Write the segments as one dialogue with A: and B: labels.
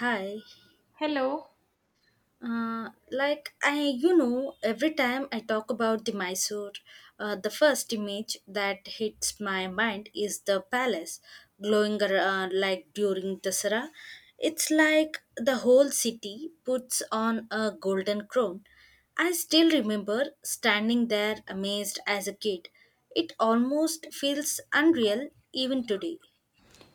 A: Hi.
B: Hello.
A: Like I, you know, every time I talk about the Mysore, the first image that hits my mind is the palace, glowing like during Dasara. It's like the whole city puts on a golden crown. I still remember standing there amazed as a kid. It almost feels unreal even today.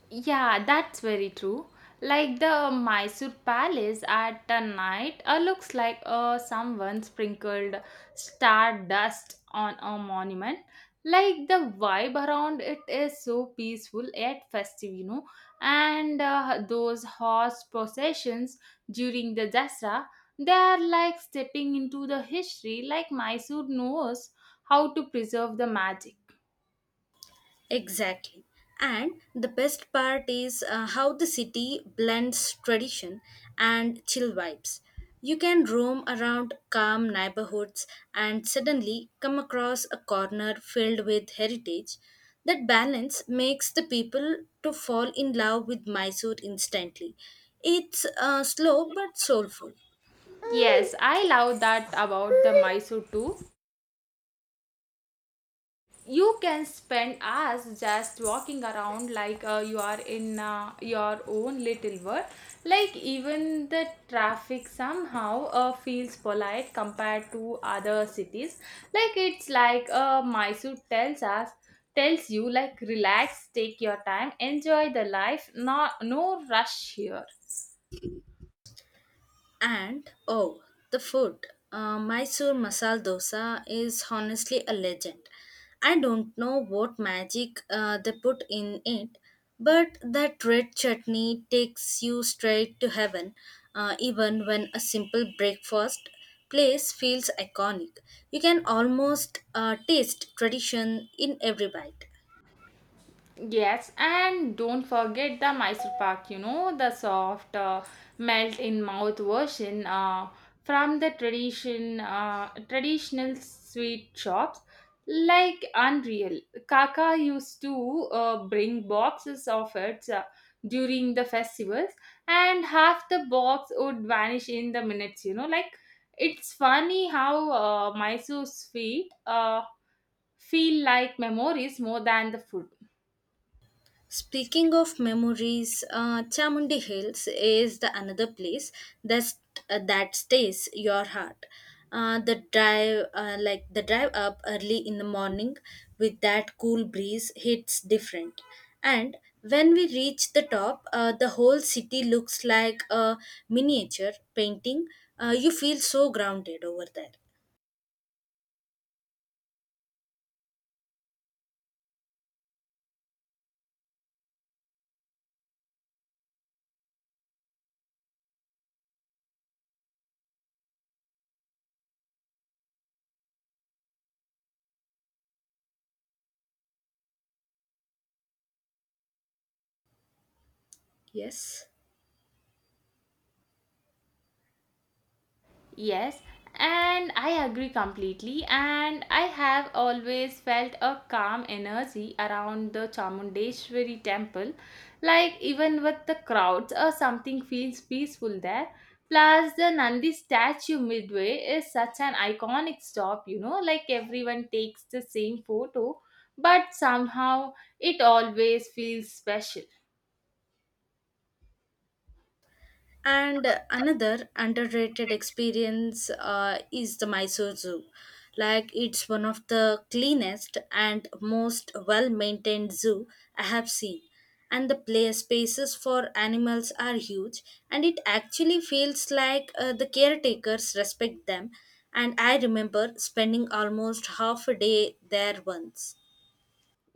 B: Yeah, that's very true. Like the Mysore Palace at the night looks like someone sprinkled stardust on a monument. Like the vibe around it is so peaceful yet festive, you know. And those horse processions during the Dasra, they are like stepping into the history, like Mysore knows how to preserve the magic.
A: Exactly. And the best part is how the city blends tradition and chill vibes. You can roam around calm neighborhoods and suddenly come across a corner filled with heritage. That balance makes the people to fall in love with Mysore instantly. It's slow but soulful.
B: Yes, I love that about the Mysore too. You can spend hours just walking around like you are in your own little world. Like even the traffic somehow feels polite compared to other cities. Like it's like Mysore tells you like relax, take your time, enjoy the life. Not no rush here.
A: And oh, the food. Mysore masala dosa is honestly a legend. I don't know what magic they put in it, but that red chutney takes you straight to heaven, even when a simple breakfast place feels iconic. You can almost taste tradition in every bite.
B: Yes, and don't forget the Mysore Pak, you know, the soft melt in mouth version from the traditional sweet shops like unreal. Kaka used to bring boxes of it during the festivals and half the box would vanish in the minutes, you know, like it's funny how Mysore sweet feel like memories more than the food.
A: Speaking of memories, Chamundi Hills is the another place that that stays your heart. Like the drive up early in the morning, with that cool breeze, hits different. And when we reach the top, the whole city looks like a miniature painting. You feel so grounded over there. Yes.
B: Yes, and I agree completely. And I have always felt a calm energy around the Chamundeshwari temple. Like, even with the crowds or something feels peaceful there. Plus, the Nandi statue midway is such an iconic stop, you know, like everyone takes the same photo, but somehow it always feels special.
A: And another underrated experience is the Mysore Zoo. Like it's one of the cleanest and most well-maintained zoo I have seen. And the play spaces for animals are huge, and it actually feels like the caretakers respect them. And I remember spending almost half a day there once.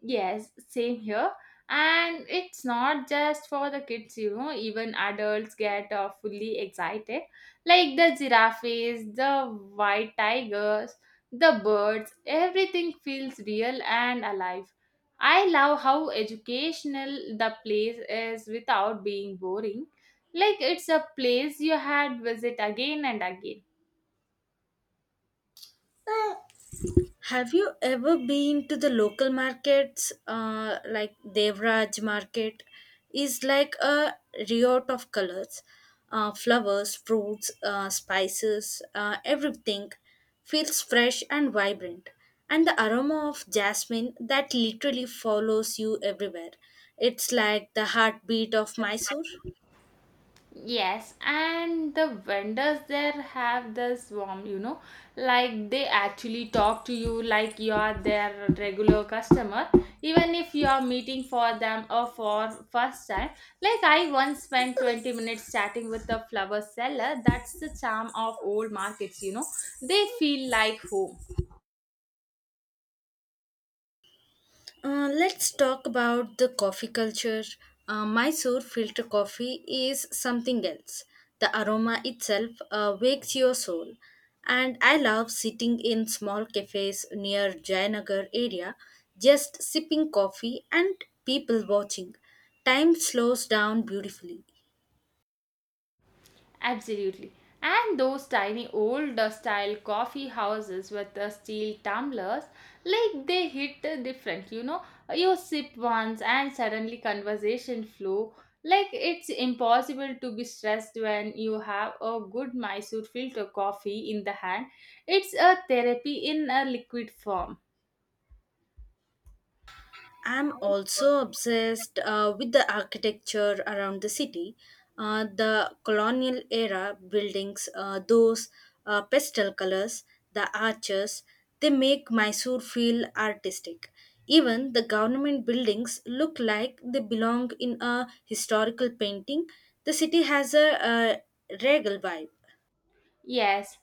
B: Yes, same here. And it's not just for the kids, you know, even adults get fully excited. Like the giraffes, the white tigers, the birds, everything feels real and alive. I love how educational the place is without being boring. Like it's a place you had visit again and again.
A: Have you ever been to the local markets, like Devraj Market? Is like a riot of colors, flowers, fruits, spices, everything feels fresh and vibrant, and the aroma of jasmine that literally follows you everywhere. It's like the heartbeat of Mysore.
B: Yes, and the vendors there have this warm, you know, like they actually talk to you like you are their regular customer, even if you are meeting for them or for first time. Like I once spent 20 minutes chatting with a flower seller. That's the charm of old markets, you know. They feel like home.
A: Let's talk about the coffee culture. Mysore filter coffee is something else. The aroma itself wakes your soul. And I love sitting in small cafes near Jayanagar area, just sipping coffee and people watching. Time slows down beautifully.
B: Absolutely. And those tiny old style coffee houses with the steel tumblers, like they hit different, you know. You sip once and suddenly conversation flow. Like it's impossible to be stressed when you have a good Mysore filter coffee in the hand. It's a therapy in a liquid form.
A: I'm also obsessed with the architecture around the city, the colonial era buildings, those pastel colors, the arches, they make Mysore feel artistic. Even the government buildings look like they belong in a historical painting. The city has a, regal vibe.
B: Yes,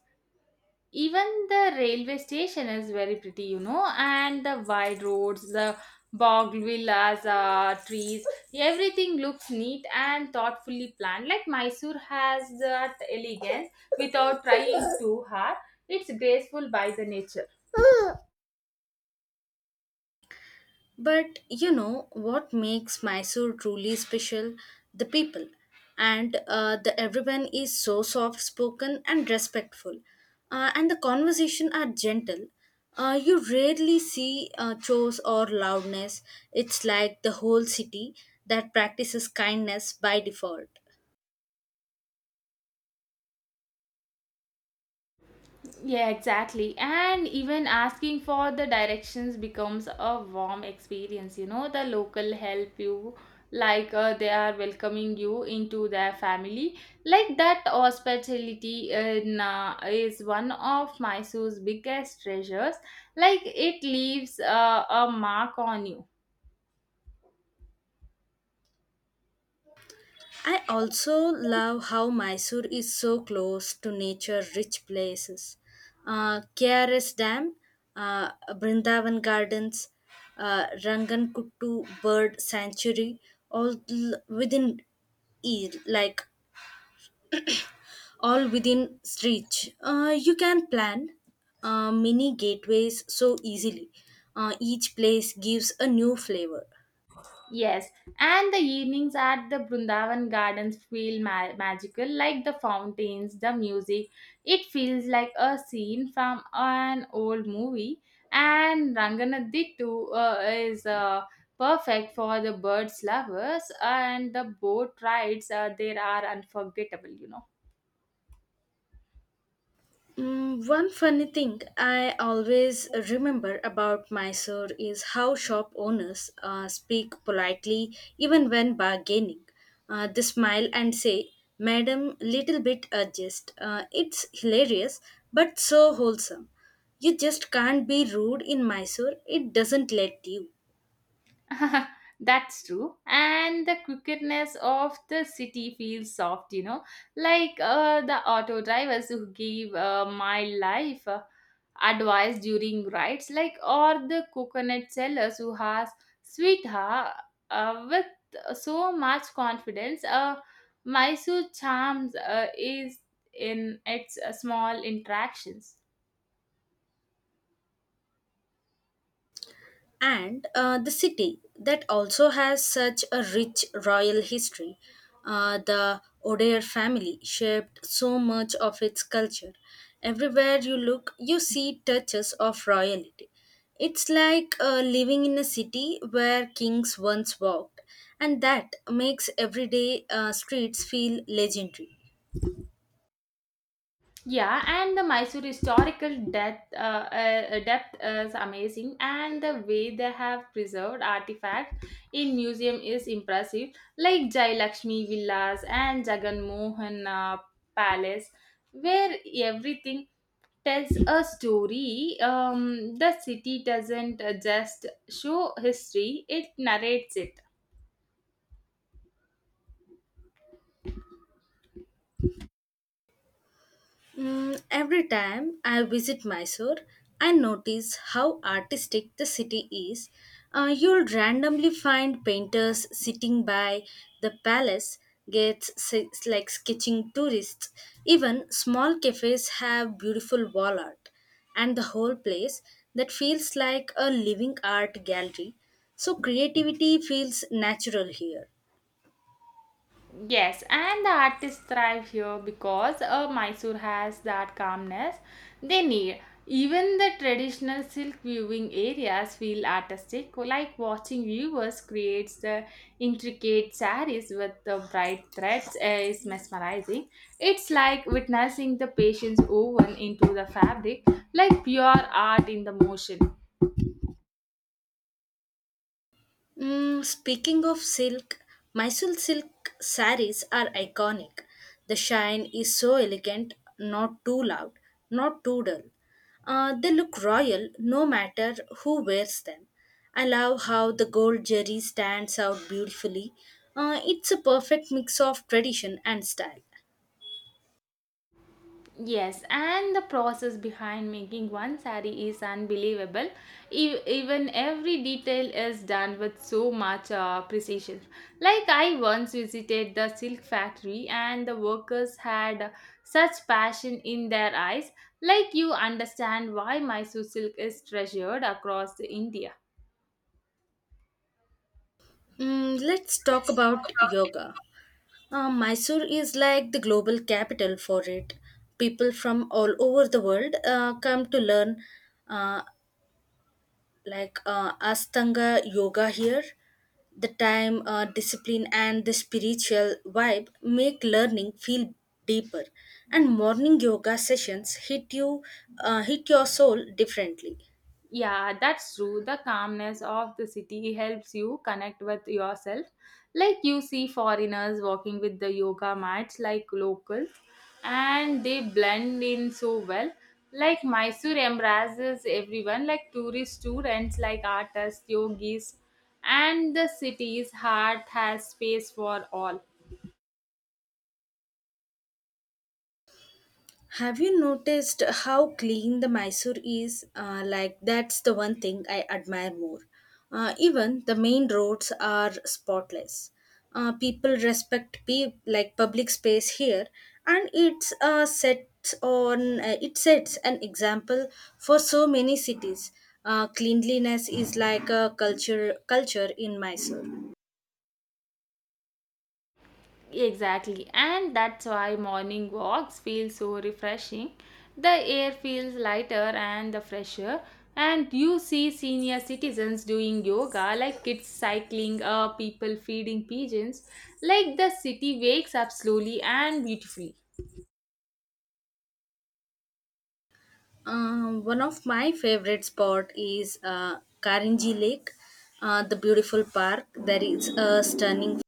B: even the railway station is very pretty, you know, and the wide roads, the bog villas, trees, everything looks neat and thoughtfully planned. Like Mysore has that elegance without trying too hard. It's graceful by the nature.
A: But you know what makes Mysore truly special? The people. And the everyone is so soft spoken and respectful. And the conversation are gentle. You rarely see chores or loudness. It's like the whole city that practices kindness by default.
B: Yeah, exactly. And even asking for the directions becomes a warm experience. You know, the local help you, like they are welcoming you into their family. Like that hospitality in, is one of Mysore's biggest treasures. Like it leaves a mark on you.
A: I also love how Mysore is so close to nature-rich places. KRS Dam, Brindavan Gardens, Rangankuttu Bird Sanctuary, all l- within e- like all within reach. You can plan mini gateways so easily. Each place gives a new flavor.
B: Yes, and the evenings at the Brundavan Gardens feel magical, like the fountains, the music. It feels like a scene from an old movie. And Ranganadittu is perfect for the birds lovers, and the boat rides there are unforgettable, you know.
A: Mm, one funny thing I always remember about Mysore is how shop owners speak politely even when bargaining. They smile and say, Madam, little bit adjust. It's hilarious but so wholesome. You just can't be rude in Mysore, it doesn't let you.
B: That's true. And the crookedness of the city feels soft, you know, like the auto drivers who give my life advice during rides, like, or the coconut sellers who has sweetheart with so much confidence. Mysore charms is in its small interactions.
A: And the city that also has such a rich royal history. The Odair family shaped so much of its culture. Everywhere you look, you see touches of royalty. It's like living in a city where kings once walked, and that makes everyday streets feel legendary.
B: Yeah, and the Mysore historical depth, depth is amazing, and the way they have preserved artifacts in museum is impressive, like Jai Lakshmi Villas and Jagan Mohan Palace, where everything tells a story. The city doesn't just show history; it narrates it.
A: Mm, every time I visit Mysore, I notice how artistic the city is. You'll randomly find painters sitting by the palace gates, like sketching tourists. Even small cafes have beautiful wall art, and the whole place that feels like a living art gallery. So creativity feels natural here.
B: Yes, and the artists thrive here because Mysore has that calmness they need. Even the traditional silk viewing areas feel artistic, like watching viewers creates the intricate saris with the bright threads is mesmerizing. It's like witnessing the patience woven into the fabric, like pure art in the motion.
A: Mm, speaking of silk, Mysore silk saris are iconic. The shine is so elegant, not too loud, not too dull. They look royal no matter who wears them. I love how the gold jerry stands out beautifully. It's a perfect mix of tradition and style.
B: Yes, and the process behind making one sari is unbelievable. Even every detail is done with so much precision. Like, I once visited the silk factory, and the workers had such passion in their eyes. Like, you understand why Mysore silk is treasured across India.
A: Mm, let's talk about yoga. Mysore is like the global capital for it. People from all over the world come to learn, uh, Astanga yoga here. The time, discipline, and the spiritual vibe make learning feel deeper. And morning yoga sessions hit your soul differently.
B: Yeah, that's true. The calmness of the city helps you connect with yourself. Like you see foreigners walking with the yoga mats like locals and they blend in so well. Like Mysore embraces everyone like tourists, students, like artists, yogis and the city's heart has space for all.
A: Have you noticed how clean the Mysore is? That's the one thing I admire more. Even the main roads are spotless. People respect like public space here, and it sets an example for so many cities. Cleanliness is like a culture in Mysore.
B: Exactly, and that's why morning walks feel so refreshing. The air feels lighter and the fresher, and you see senior citizens doing yoga, like kids cycling, people feeding pigeons. Like the city wakes up slowly and beautifully.
A: One of my favorite spot is Karinji Lake, the beautiful park. There is a stunning,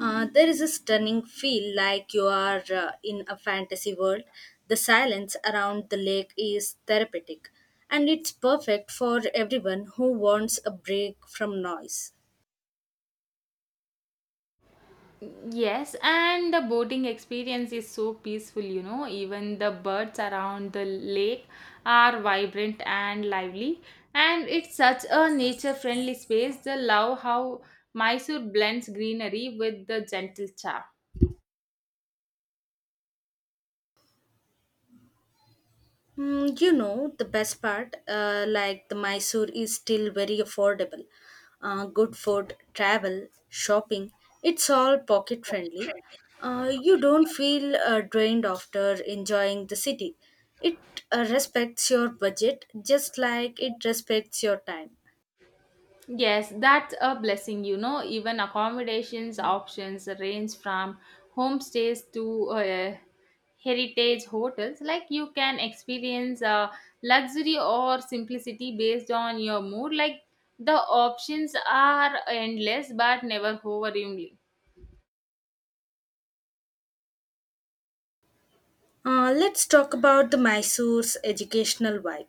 A: uh, there is a stunning feel like you are in a fantasy world. The silence around the lake is therapeutic, and it's perfect for everyone who wants a break from noise.
B: Yes, and the boating experience is so peaceful, you know. Even the birds around the lake are vibrant and lively, and it's such a nature friendly space. The love how Mysore blends greenery with the gentle charm.
A: Mm, you know, the best part, the Mysore is still very affordable. Good food, travel, shopping, it's all pocket friendly. You don't feel drained after enjoying the city. It respects your budget just like it respects your time.
B: Yes, that's a blessing, you know. Even accommodations options range from homestays to heritage hotels. Like you can experience luxury or simplicity based on your mood. Like the options are endless but never overwhelming.
A: Let's talk about the Mysore's educational vibe.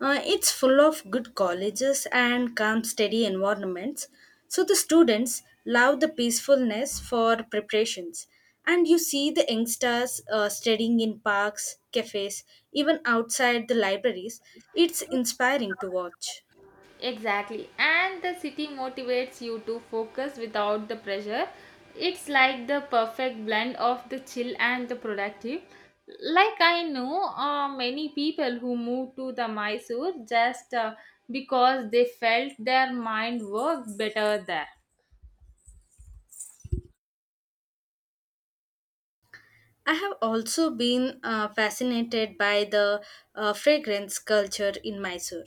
A: It's full of good colleges and calm, steady environments. So the students love the peacefulness for preparations. And you see the youngsters studying in parks, cafes, even outside the libraries. It's inspiring to watch.
B: Exactly. And the city motivates you to focus without the pressure. It's like the perfect blend of the chill and the productive. Like I know many people who moved to the Mysore just because they felt their mind worked better there.
A: I have also been fascinated by the fragrance culture in Mysore.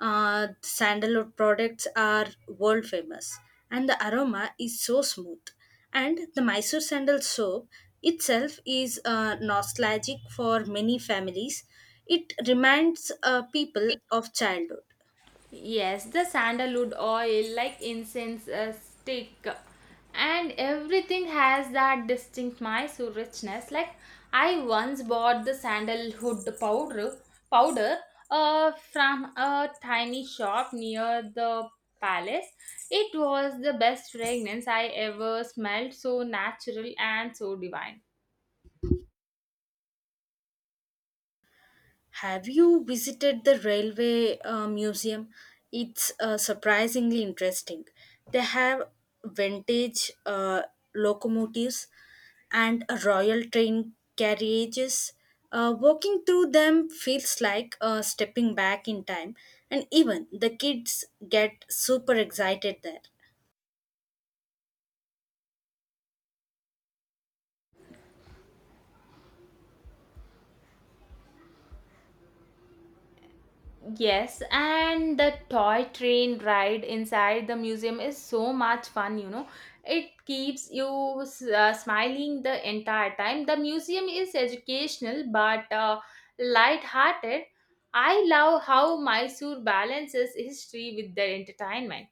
A: Sandalwood products are world famous, and the aroma is so smooth. And the Mysore sandal soap itself is nostalgic for many families. It reminds people of childhood.
B: Yes, the sandalwood oil, like incense stick, and everything has that distinct Mysore richness. Like I once bought the sandalwood powder, from a tiny shop near the palace. It was the best fragrance I ever smelled. So natural and so divine.
A: Have you visited the railway museum? It's surprisingly interesting. They have vintage locomotives and a royal train carriages. Walking through them feels like stepping back in time, and even the kids get super excited there.
B: Yes, and the toy train ride inside the museum is so much fun, you know. It keeps you smiling the entire time. The museum is educational but light-hearted. I love how Mysore balances history with their entertainment.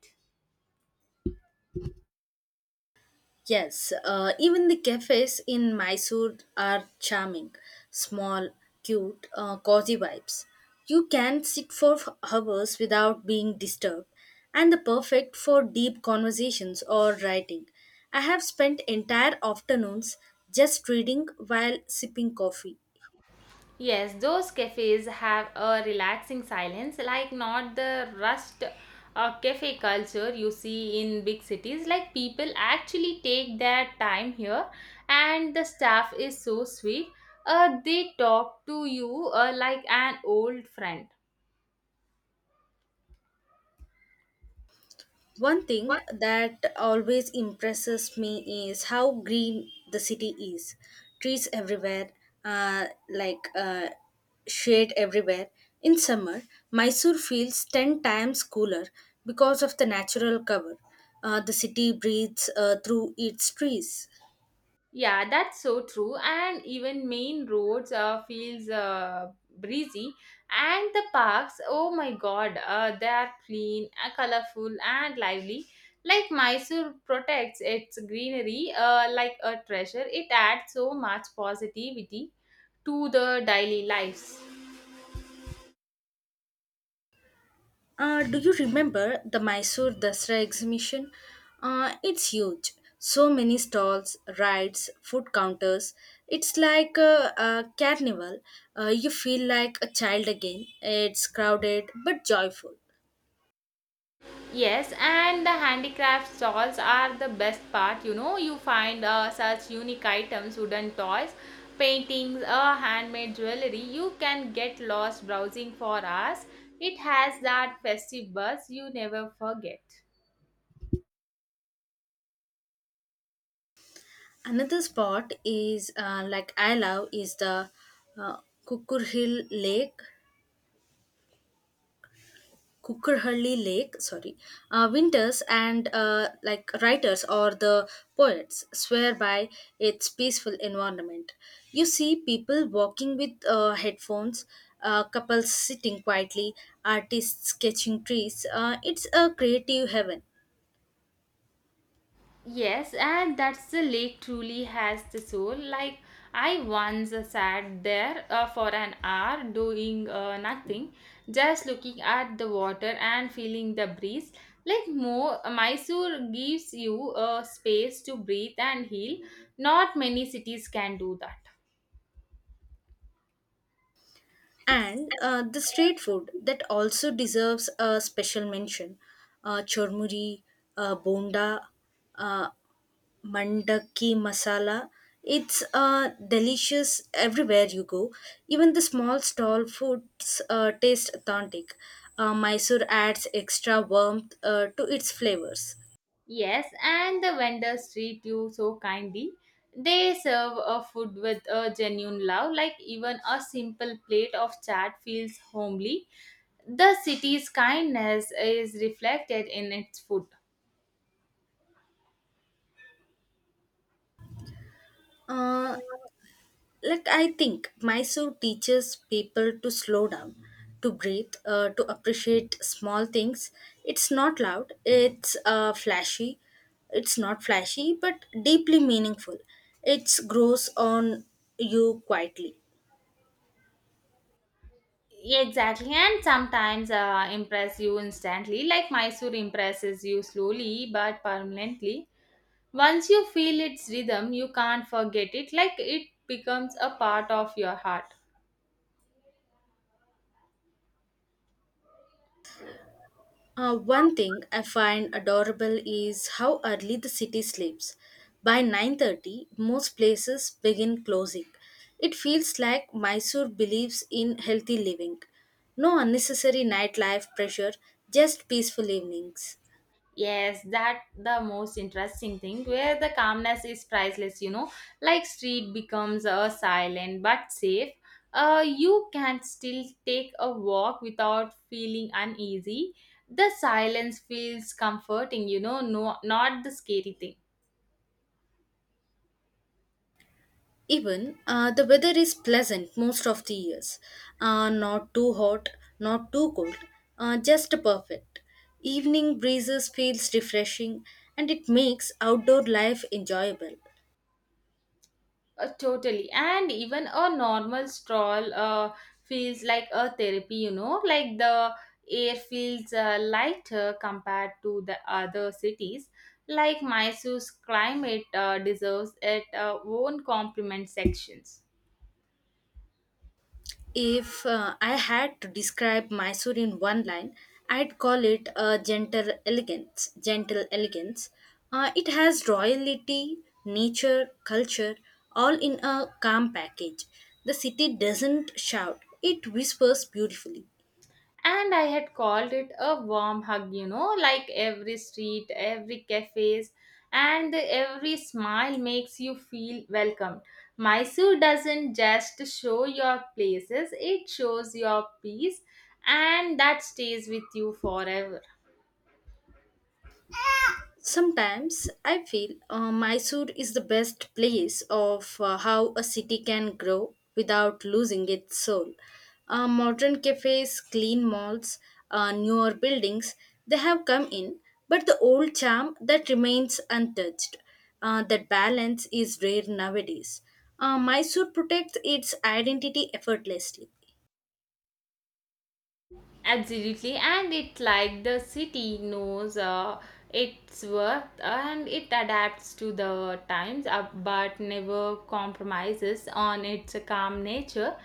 A: Yes, even the cafes in Mysore are charming, small, cute, cozy vibes. You can sit for hours without being disturbed, and the perfect for deep conversations or writing. I have spent entire afternoons just reading while sipping coffee.
B: Yes, those cafes have a relaxing silence, like not the rushed cafe culture you see in big cities. Like people actually take their time here, and the staff is so sweet. They talk to you like an old friend.
A: One thing that always impresses me is how green the city is. Trees everywhere, uh, like uh, shade everywhere. In summer, Mysore feels 10 times cooler because of the natural cover. The city breathes through its trees.
B: Yeah, that's so true. And even main roads feels breezy, and the parks. Oh my God, they are clean, colorful, and lively. Like Mysore protects its greenery, like a treasure. It adds so much positivity to the daily lives.
A: Do you remember the Mysore Dasra exhibition? It's huge. So many stalls, rides, food counters. It's like a carnival. You feel like a child again. It's crowded but joyful.
B: Yes, and the handicraft stalls are the best part. You know, you find such unique items, wooden toys, paintings, handmade jewelry. You can get lost browsing for hours. It has that festive buzz you never forget.
A: Another spot is I love is the uh, Kukur Hill Lake. Cookerhully Lake, sorry, winters and writers or the poets swear by its peaceful environment. You see people walking with headphones, couples sitting quietly, artists sketching trees. It's a creative heaven.
B: Yes, and that's the lake truly has the soul. Like I once sat there for an hour doing nothing, just looking at the water and feeling the breeze. Like Mysore gives you a space to breathe and heal. Not many cities can do that.
A: And the street food that also deserves a special mention chormuri, bonda, uh, mandaki masala, it's delicious everywhere you go. Even the small stall foods taste authentic. Mysore adds extra warmth to its flavors.
B: Yes, and the vendors treat you so kindly. They serve a food with a genuine love, like even a simple plate of chat feels homely. The city's kindness is reflected in its food.
A: uh, I think Mysore teaches people to slow down, to breathe, to appreciate small things. It's not loud it's uh, flashy it's not flashy but deeply meaningful. It grows on you quietly.
B: Exactly, and sometimes impress you instantly, like Mysore impresses you slowly but permanently. Once you feel its rhythm, you can't forget it, like it becomes a part of your heart.
A: One thing I find adorable is how early the city sleeps. By 9:30, most places begin closing. It feels like Mysore believes in healthy living. No unnecessary nightlife pressure, just peaceful evenings.
B: Yes, that the most interesting thing where the calmness is priceless, you know, like street becomes a silent but safe. You can still take a walk without feeling uneasy. The silence feels comforting, you know, no, not the scary thing.
A: Even the weather is pleasant most of the years. Not too hot, not too cold, just perfect. Evening breezes feels refreshing and it makes outdoor life enjoyable.
B: Totally. And even a normal stroll feels like a therapy, you know, like the air feels lighter compared to the other cities. Like Mysore's climate deserves its own compliment sections.
A: If I had to describe Mysore in one line, I'd call it a gentle elegance. Gentle elegance. It has royalty, nature, culture, all in a calm package. The city doesn't shout; it whispers beautifully.
B: And I had called it a warm hug, you know, like every street, every cafes and every smile makes you feel welcomed. Mysore doesn't just show your places, it shows your peace, and that stays with you forever.
A: Sometimes I feel Mysore is the best place of how a city can grow without losing its soul. Modern cafes, clean malls, newer buildings, they have come in, but the old charm that remains untouched. That balance is rare nowadays. Mysore protects its identity effortlessly.
B: Absolutely, and it like the city knows its worth and it adapts to the times but never compromises on its calm nature.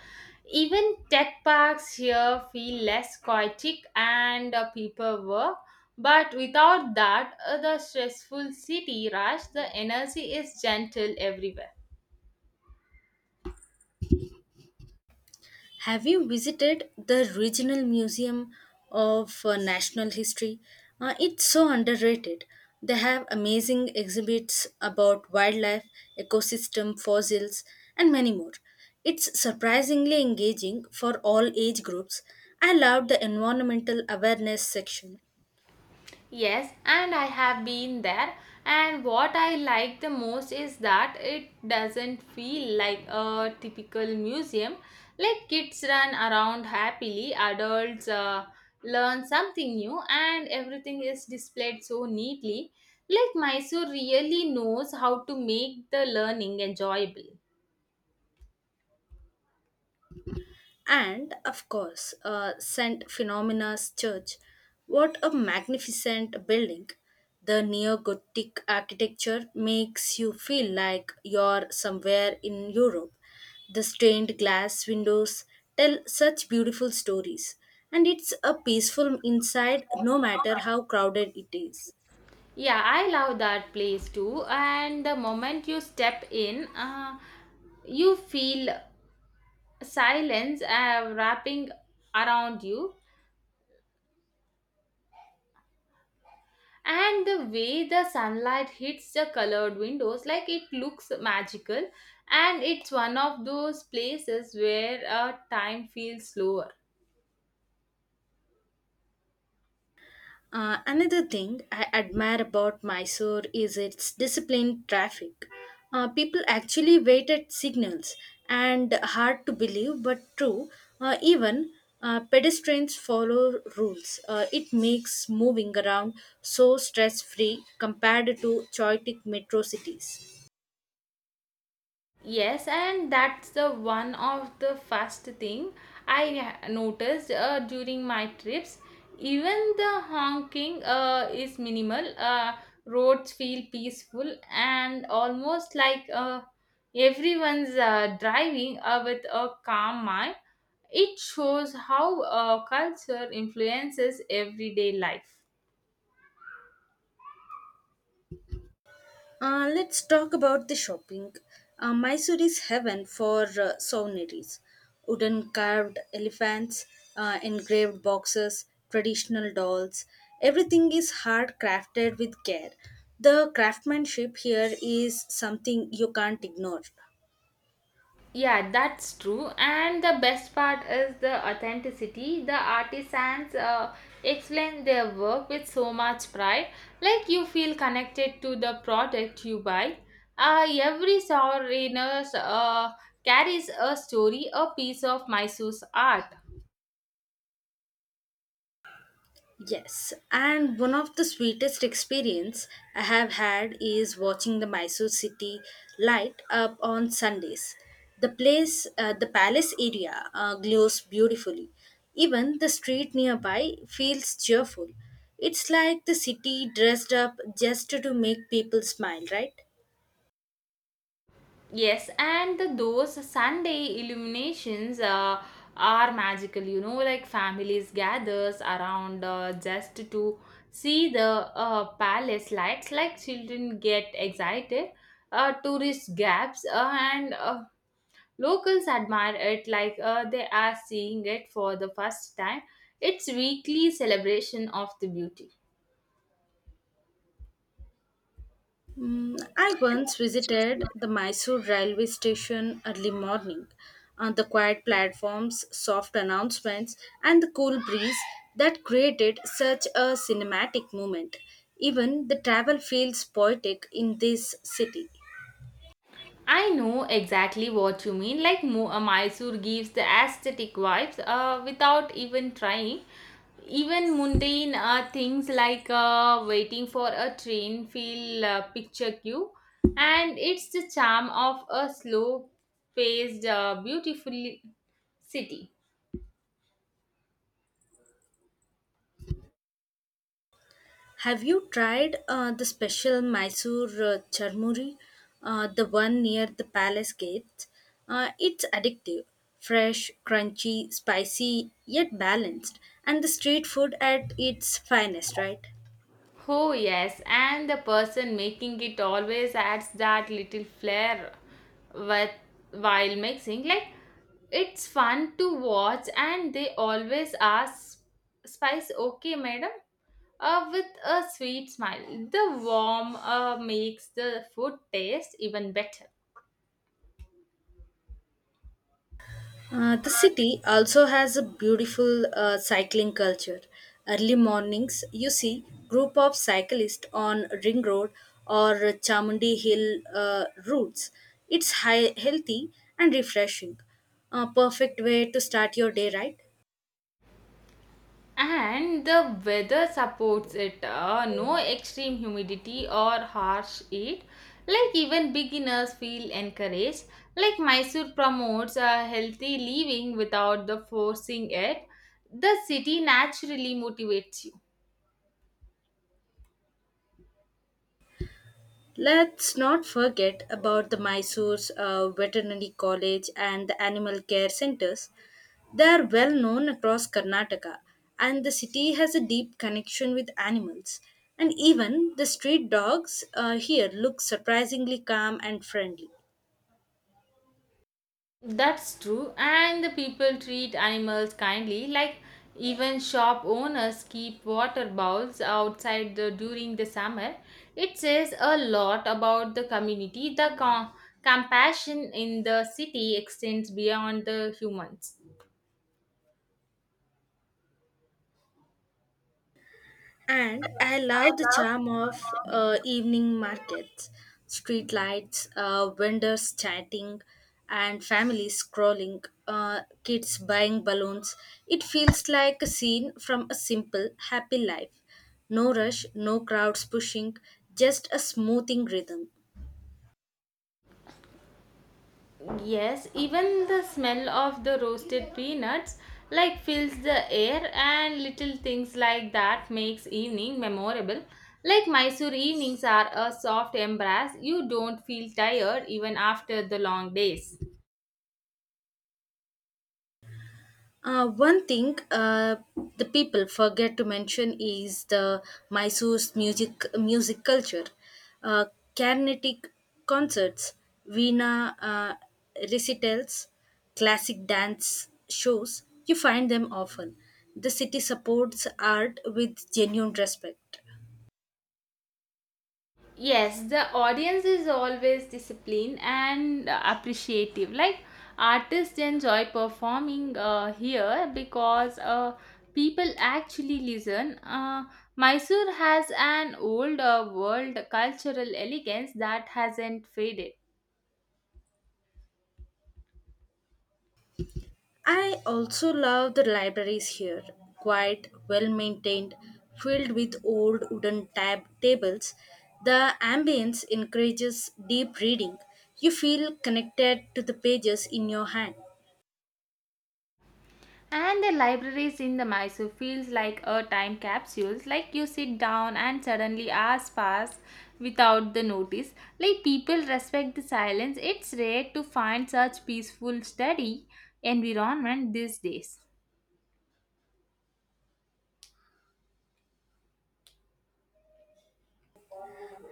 B: Even tech parks here feel less chaotic and people work, but without that, the stressful city rush, the energy is gentle everywhere.
A: Have you visited the Regional Museum of National History? It's so underrated. They have amazing exhibits about wildlife, ecosystem, fossils, and many more. It's surprisingly engaging for all age groups. I loved the environmental awareness section.
B: Yes, and I have been there. And what I like the most is that it doesn't feel like a typical museum. Like kids run around happily, adults learn something new, and everything is displayed so neatly. Like Mysore really knows how to make the learning enjoyable.
A: And of course, St. Phenomena's Church. What a magnificent building! The neo Gothic architecture makes you feel like you're somewhere in Europe. The stained glass windows tell such beautiful stories, and it's a peaceful inside no matter how crowded it is.
B: Yeah, I love that place too. And the moment you step in, you feel silence wrapping around you, and the way the sunlight hits the colored windows, like it looks magical, and it's one of those places where time feels slower.
A: Another thing I admire about Mysore is its disciplined traffic. People actually wait at signals, and hard to believe but true, even pedestrians follow rules. It makes moving around so stress free compared to chaotic metro cities.
B: Yes, and that's the one of the first thing noticed during my trips. Even the honking is minimal. Roads feel peaceful and almost like everyone's driving with a calm mind. It shows how culture influences everyday life.
A: Let's talk about the shopping. Mysore is heaven for souvenirs. Wooden carved elephants, engraved boxes, traditional dolls. Everything is hard crafted with care. The craftsmanship here is something you can't ignore.
B: Yeah, that's true. And the best part is the authenticity. The artisans explain their work with so much pride, like you feel connected to the product you buy. Every sovereign carries a story, a piece of Mysore's art.
A: Yes, and one of the sweetest experience I have had is watching the Mysore city light up on Sundays. The place, the palace area glows beautifully. Even the street nearby feels cheerful. It's like the city dressed up just to make people smile, right?
B: Yes, and those Sunday illuminations are magical. You know, like families gathers around just to see the palace lights. Like children get excited, tourists gaps, and locals admire it like they are seeing it for the first time. It's weekly celebration of the beauty.
A: Mm, I once visited the Mysore railway station early morning. On the quiet platforms, soft announcements, and the cool breeze that created such a cinematic moment. Even the travel feels poetic in this city.
B: I know exactly what you mean. Like Mysore gives the aesthetic vibes without even trying. Even mundane things like waiting for a train feel picture queue, and it's the charm of a slow-paced, beautiful city.
A: Have you tried the special Mysore charmuri, the one near the palace gates? It's addictive, fresh, crunchy, spicy, yet balanced, and the street food at its finest, right?
B: Oh, yes, and the person making it always adds that little flair with, while mixing. Like, it's fun to watch, and they always ask, spice okay, madam? With a sweet smile. The warm makes the food taste even better.
A: The city also has a beautiful cycling culture. Early mornings, you see group of cyclists on Ring Road or Chamundi Hill routes. It's high, healthy and refreshing. A perfect way to start your day, right?
B: And the weather supports it. No extreme humidity or harsh heat. Like even beginners feel encouraged. Like Mysore promotes a healthy living without the forcing it. The city naturally motivates you.
A: Let's not forget about the Mysore's veterinary college and the animal care centers. They are well known across Karnataka, and the city has a deep connection with animals. And even the street dogs here look surprisingly calm and friendly.
B: That's true, and the people treat animals kindly, like even shop owners keep water bowls outside the, during the summer. It says a lot about the community. The compassion in the city extends beyond the humans.
A: And I love the charm of evening markets, street lights, vendors chatting, and families scrolling, kids buying balloons. It feels like a scene from a simple, happy life. No rush, no crowds pushing, just a smoothing rhythm.
B: Yes, even the smell of the roasted peanuts like fills the air, and little things like that makes evening memorable. Like Mysore evenings are a soft embrace. You don't feel tired even after the long days.
A: One thing the people forget to mention is the Mysore's music culture. Uh, Carnatic concerts, Veena recitals, classic dance shows, you find them often. The city supports art with genuine respect.
B: Yes, the audience is always disciplined and appreciative. Like artists enjoy performing here because people actually listen. Mysore has an old world cultural elegance that hasn't faded.
A: I also love the libraries here. Quite well maintained, filled with old wooden tables. The ambience encourages deep reading. You feel connected to the pages in your hand.
B: And the libraries in the Mysore feels like a time capsule. Like you sit down and suddenly hours pass without the notice. Like people respect the silence. It's rare to find such peaceful study environment these days.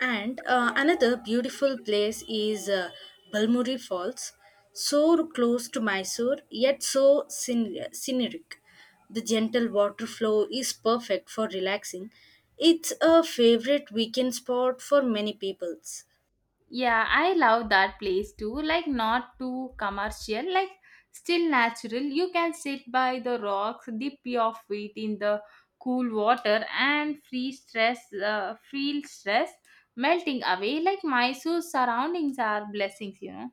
A: And another beautiful place is Balmuri Falls, so close to Mysore yet so scenic. The gentle water flow is perfect for relaxing. It's a favorite weekend spot for many peoples.
B: Yeah, I love that place too. Like, not too commercial, like, still natural. You can sit by the rocks, dip your feet in the cool water, and feel stress melting away. Like, Mysore surroundings are blessings, you know.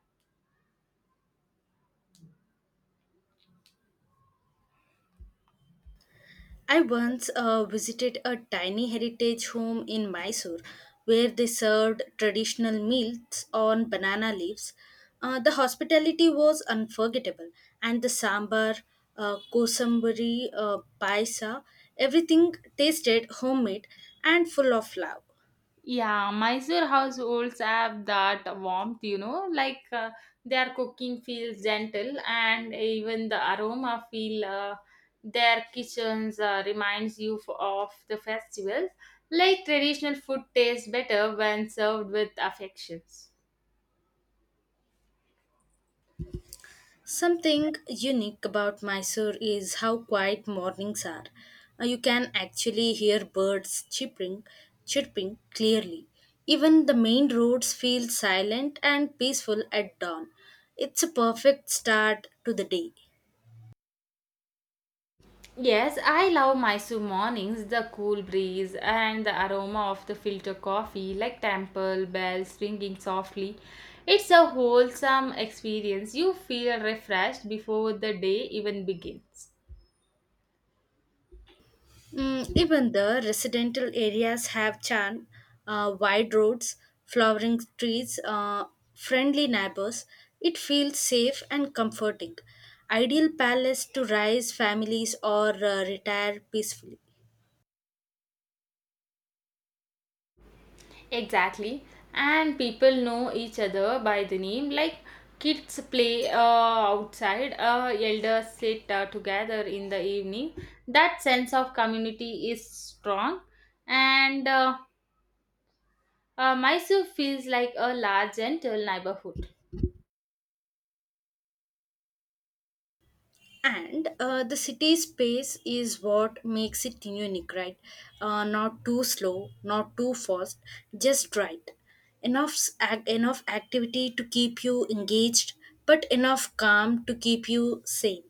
A: I once visited a tiny heritage home in Mysore where they served traditional meals on banana leaves. The hospitality was unforgettable, and the sambar, kosambari, paisa, everything tasted homemade and full of love.
B: Yeah, Mysore households have that warmth, you know, like their cooking feels gentle, and even the aroma feel their kitchens reminds of the festivals. Like traditional food tastes better when served with affections.
A: Something unique about Mysore is how quiet mornings are. You can actually hear chirping clearly. Even the main roads feel silent and peaceful at dawn. It's a perfect start to the day.
B: Yes, I love Mysore mornings, the cool breeze and the aroma of the filter coffee, like temple bells ringing softly. It's a wholesome experience. You feel refreshed before the day even begins.
A: Mm, even the residential areas have charm, wide roads, flowering trees, friendly neighbors. It feels safe and comforting. Ideal palace to raise families or retire peacefully.
B: Exactly. And people know each other by the name, like kids play outside, elders sit together in the evening. That sense of community is strong, and Mysore feels like a large, gentle neighborhood.
A: And the city space is what makes it unique, right? Not too slow, not too fast, just right, enough activity to keep you engaged but enough calm to keep you sane.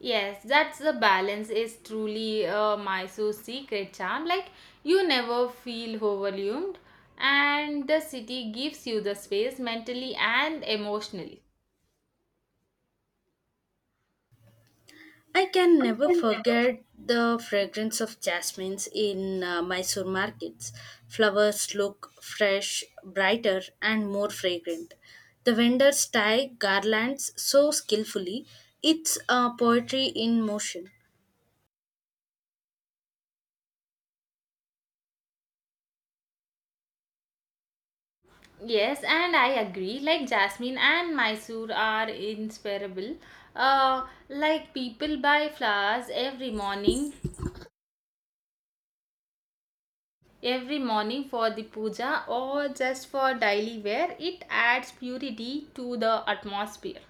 B: Yes, that's the balance is truly Mysore's secret charm. Like you never feel overwhelmed, and the city gives you the space mentally and emotionally.
A: I can never forget the fragrance of jasmines in Mysore markets. Flowers look fresh, brighter, and more fragrant. The vendors tie garlands so skillfully, it's a poetry in motion.
B: Yes, and I agree. Like Jasmine and Mysore are inseparable. Like people buy flowers every morning for the puja, or just for daily wear. It adds purity to the atmosphere.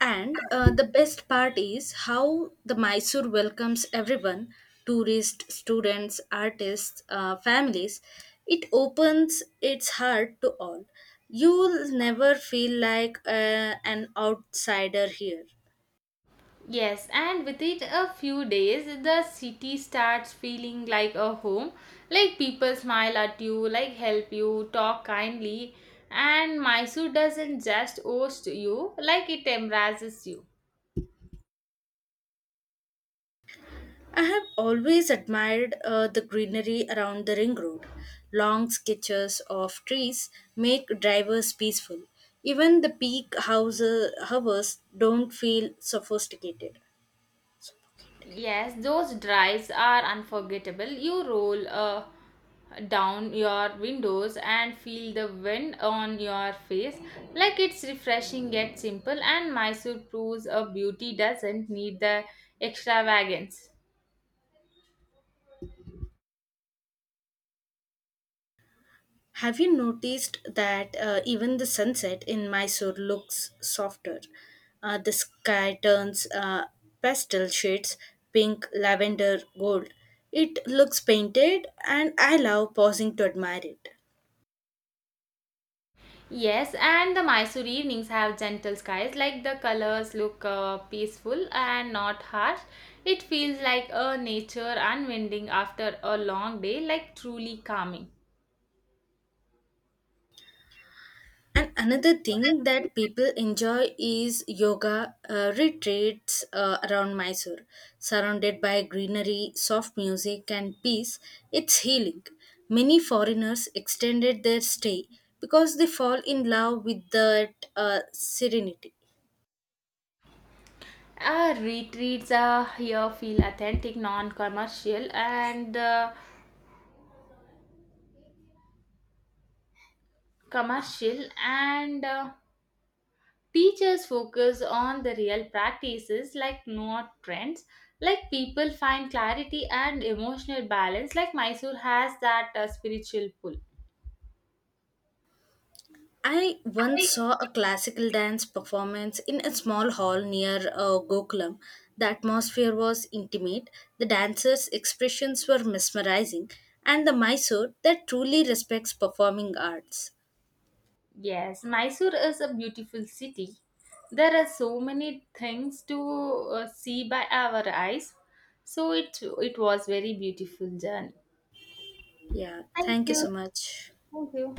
A: And the best part is how the Mysore welcomes everyone, tourists, students, artists, families. It opens its heart to all. You'll never feel like an outsider here.
B: Yes, and within a few days the city starts feeling like a home. Like people smile at you, like help you, talk kindly, and Mysore doesn't just host you, like it embraces you.
A: I have always admired the greenery around the ring road. Long sketches of trees make drivers peaceful. Even the houses don't feel sophisticated. Suffocated.
B: Yes, those drives are unforgettable. You roll down your windows and feel the wind on your face, like it's refreshing yet simple, and Mysore proves a beauty doesn't need the extravagance.
A: Have you noticed that even the sunset in Mysore looks softer? The sky turns pastel shades, pink, lavender, gold. It looks painted, and I love pausing to admire it.
B: Yes, and the Mysore evenings have gentle skies, like the colors look peaceful and not harsh. It feels like a nature unwinding after a long day, like truly calming.
A: And another thing that people enjoy is yoga retreats around Mysore. Surrounded by greenery, soft music, and peace, it's healing. Many foreigners extended their stay because they fall in love with that serenity.
B: Retreats here feel authentic, non-commercial, and commercial, and teachers focus on the real practices, like not trends. Like people find clarity and emotional balance. Like Mysore has that spiritual pull.
A: I once saw a classical dance performance in a small hall near Gokulam. The atmosphere was intimate, the dancers' expressions were mesmerizing, and the Mysore that truly respects performing arts.
B: Yes, Mysore is a beautiful city. There are so many things to see by our eyes. So it was very beautiful journey.
A: Yeah,
B: Thank
A: thank you
B: you.
A: so much.
B: Thank you.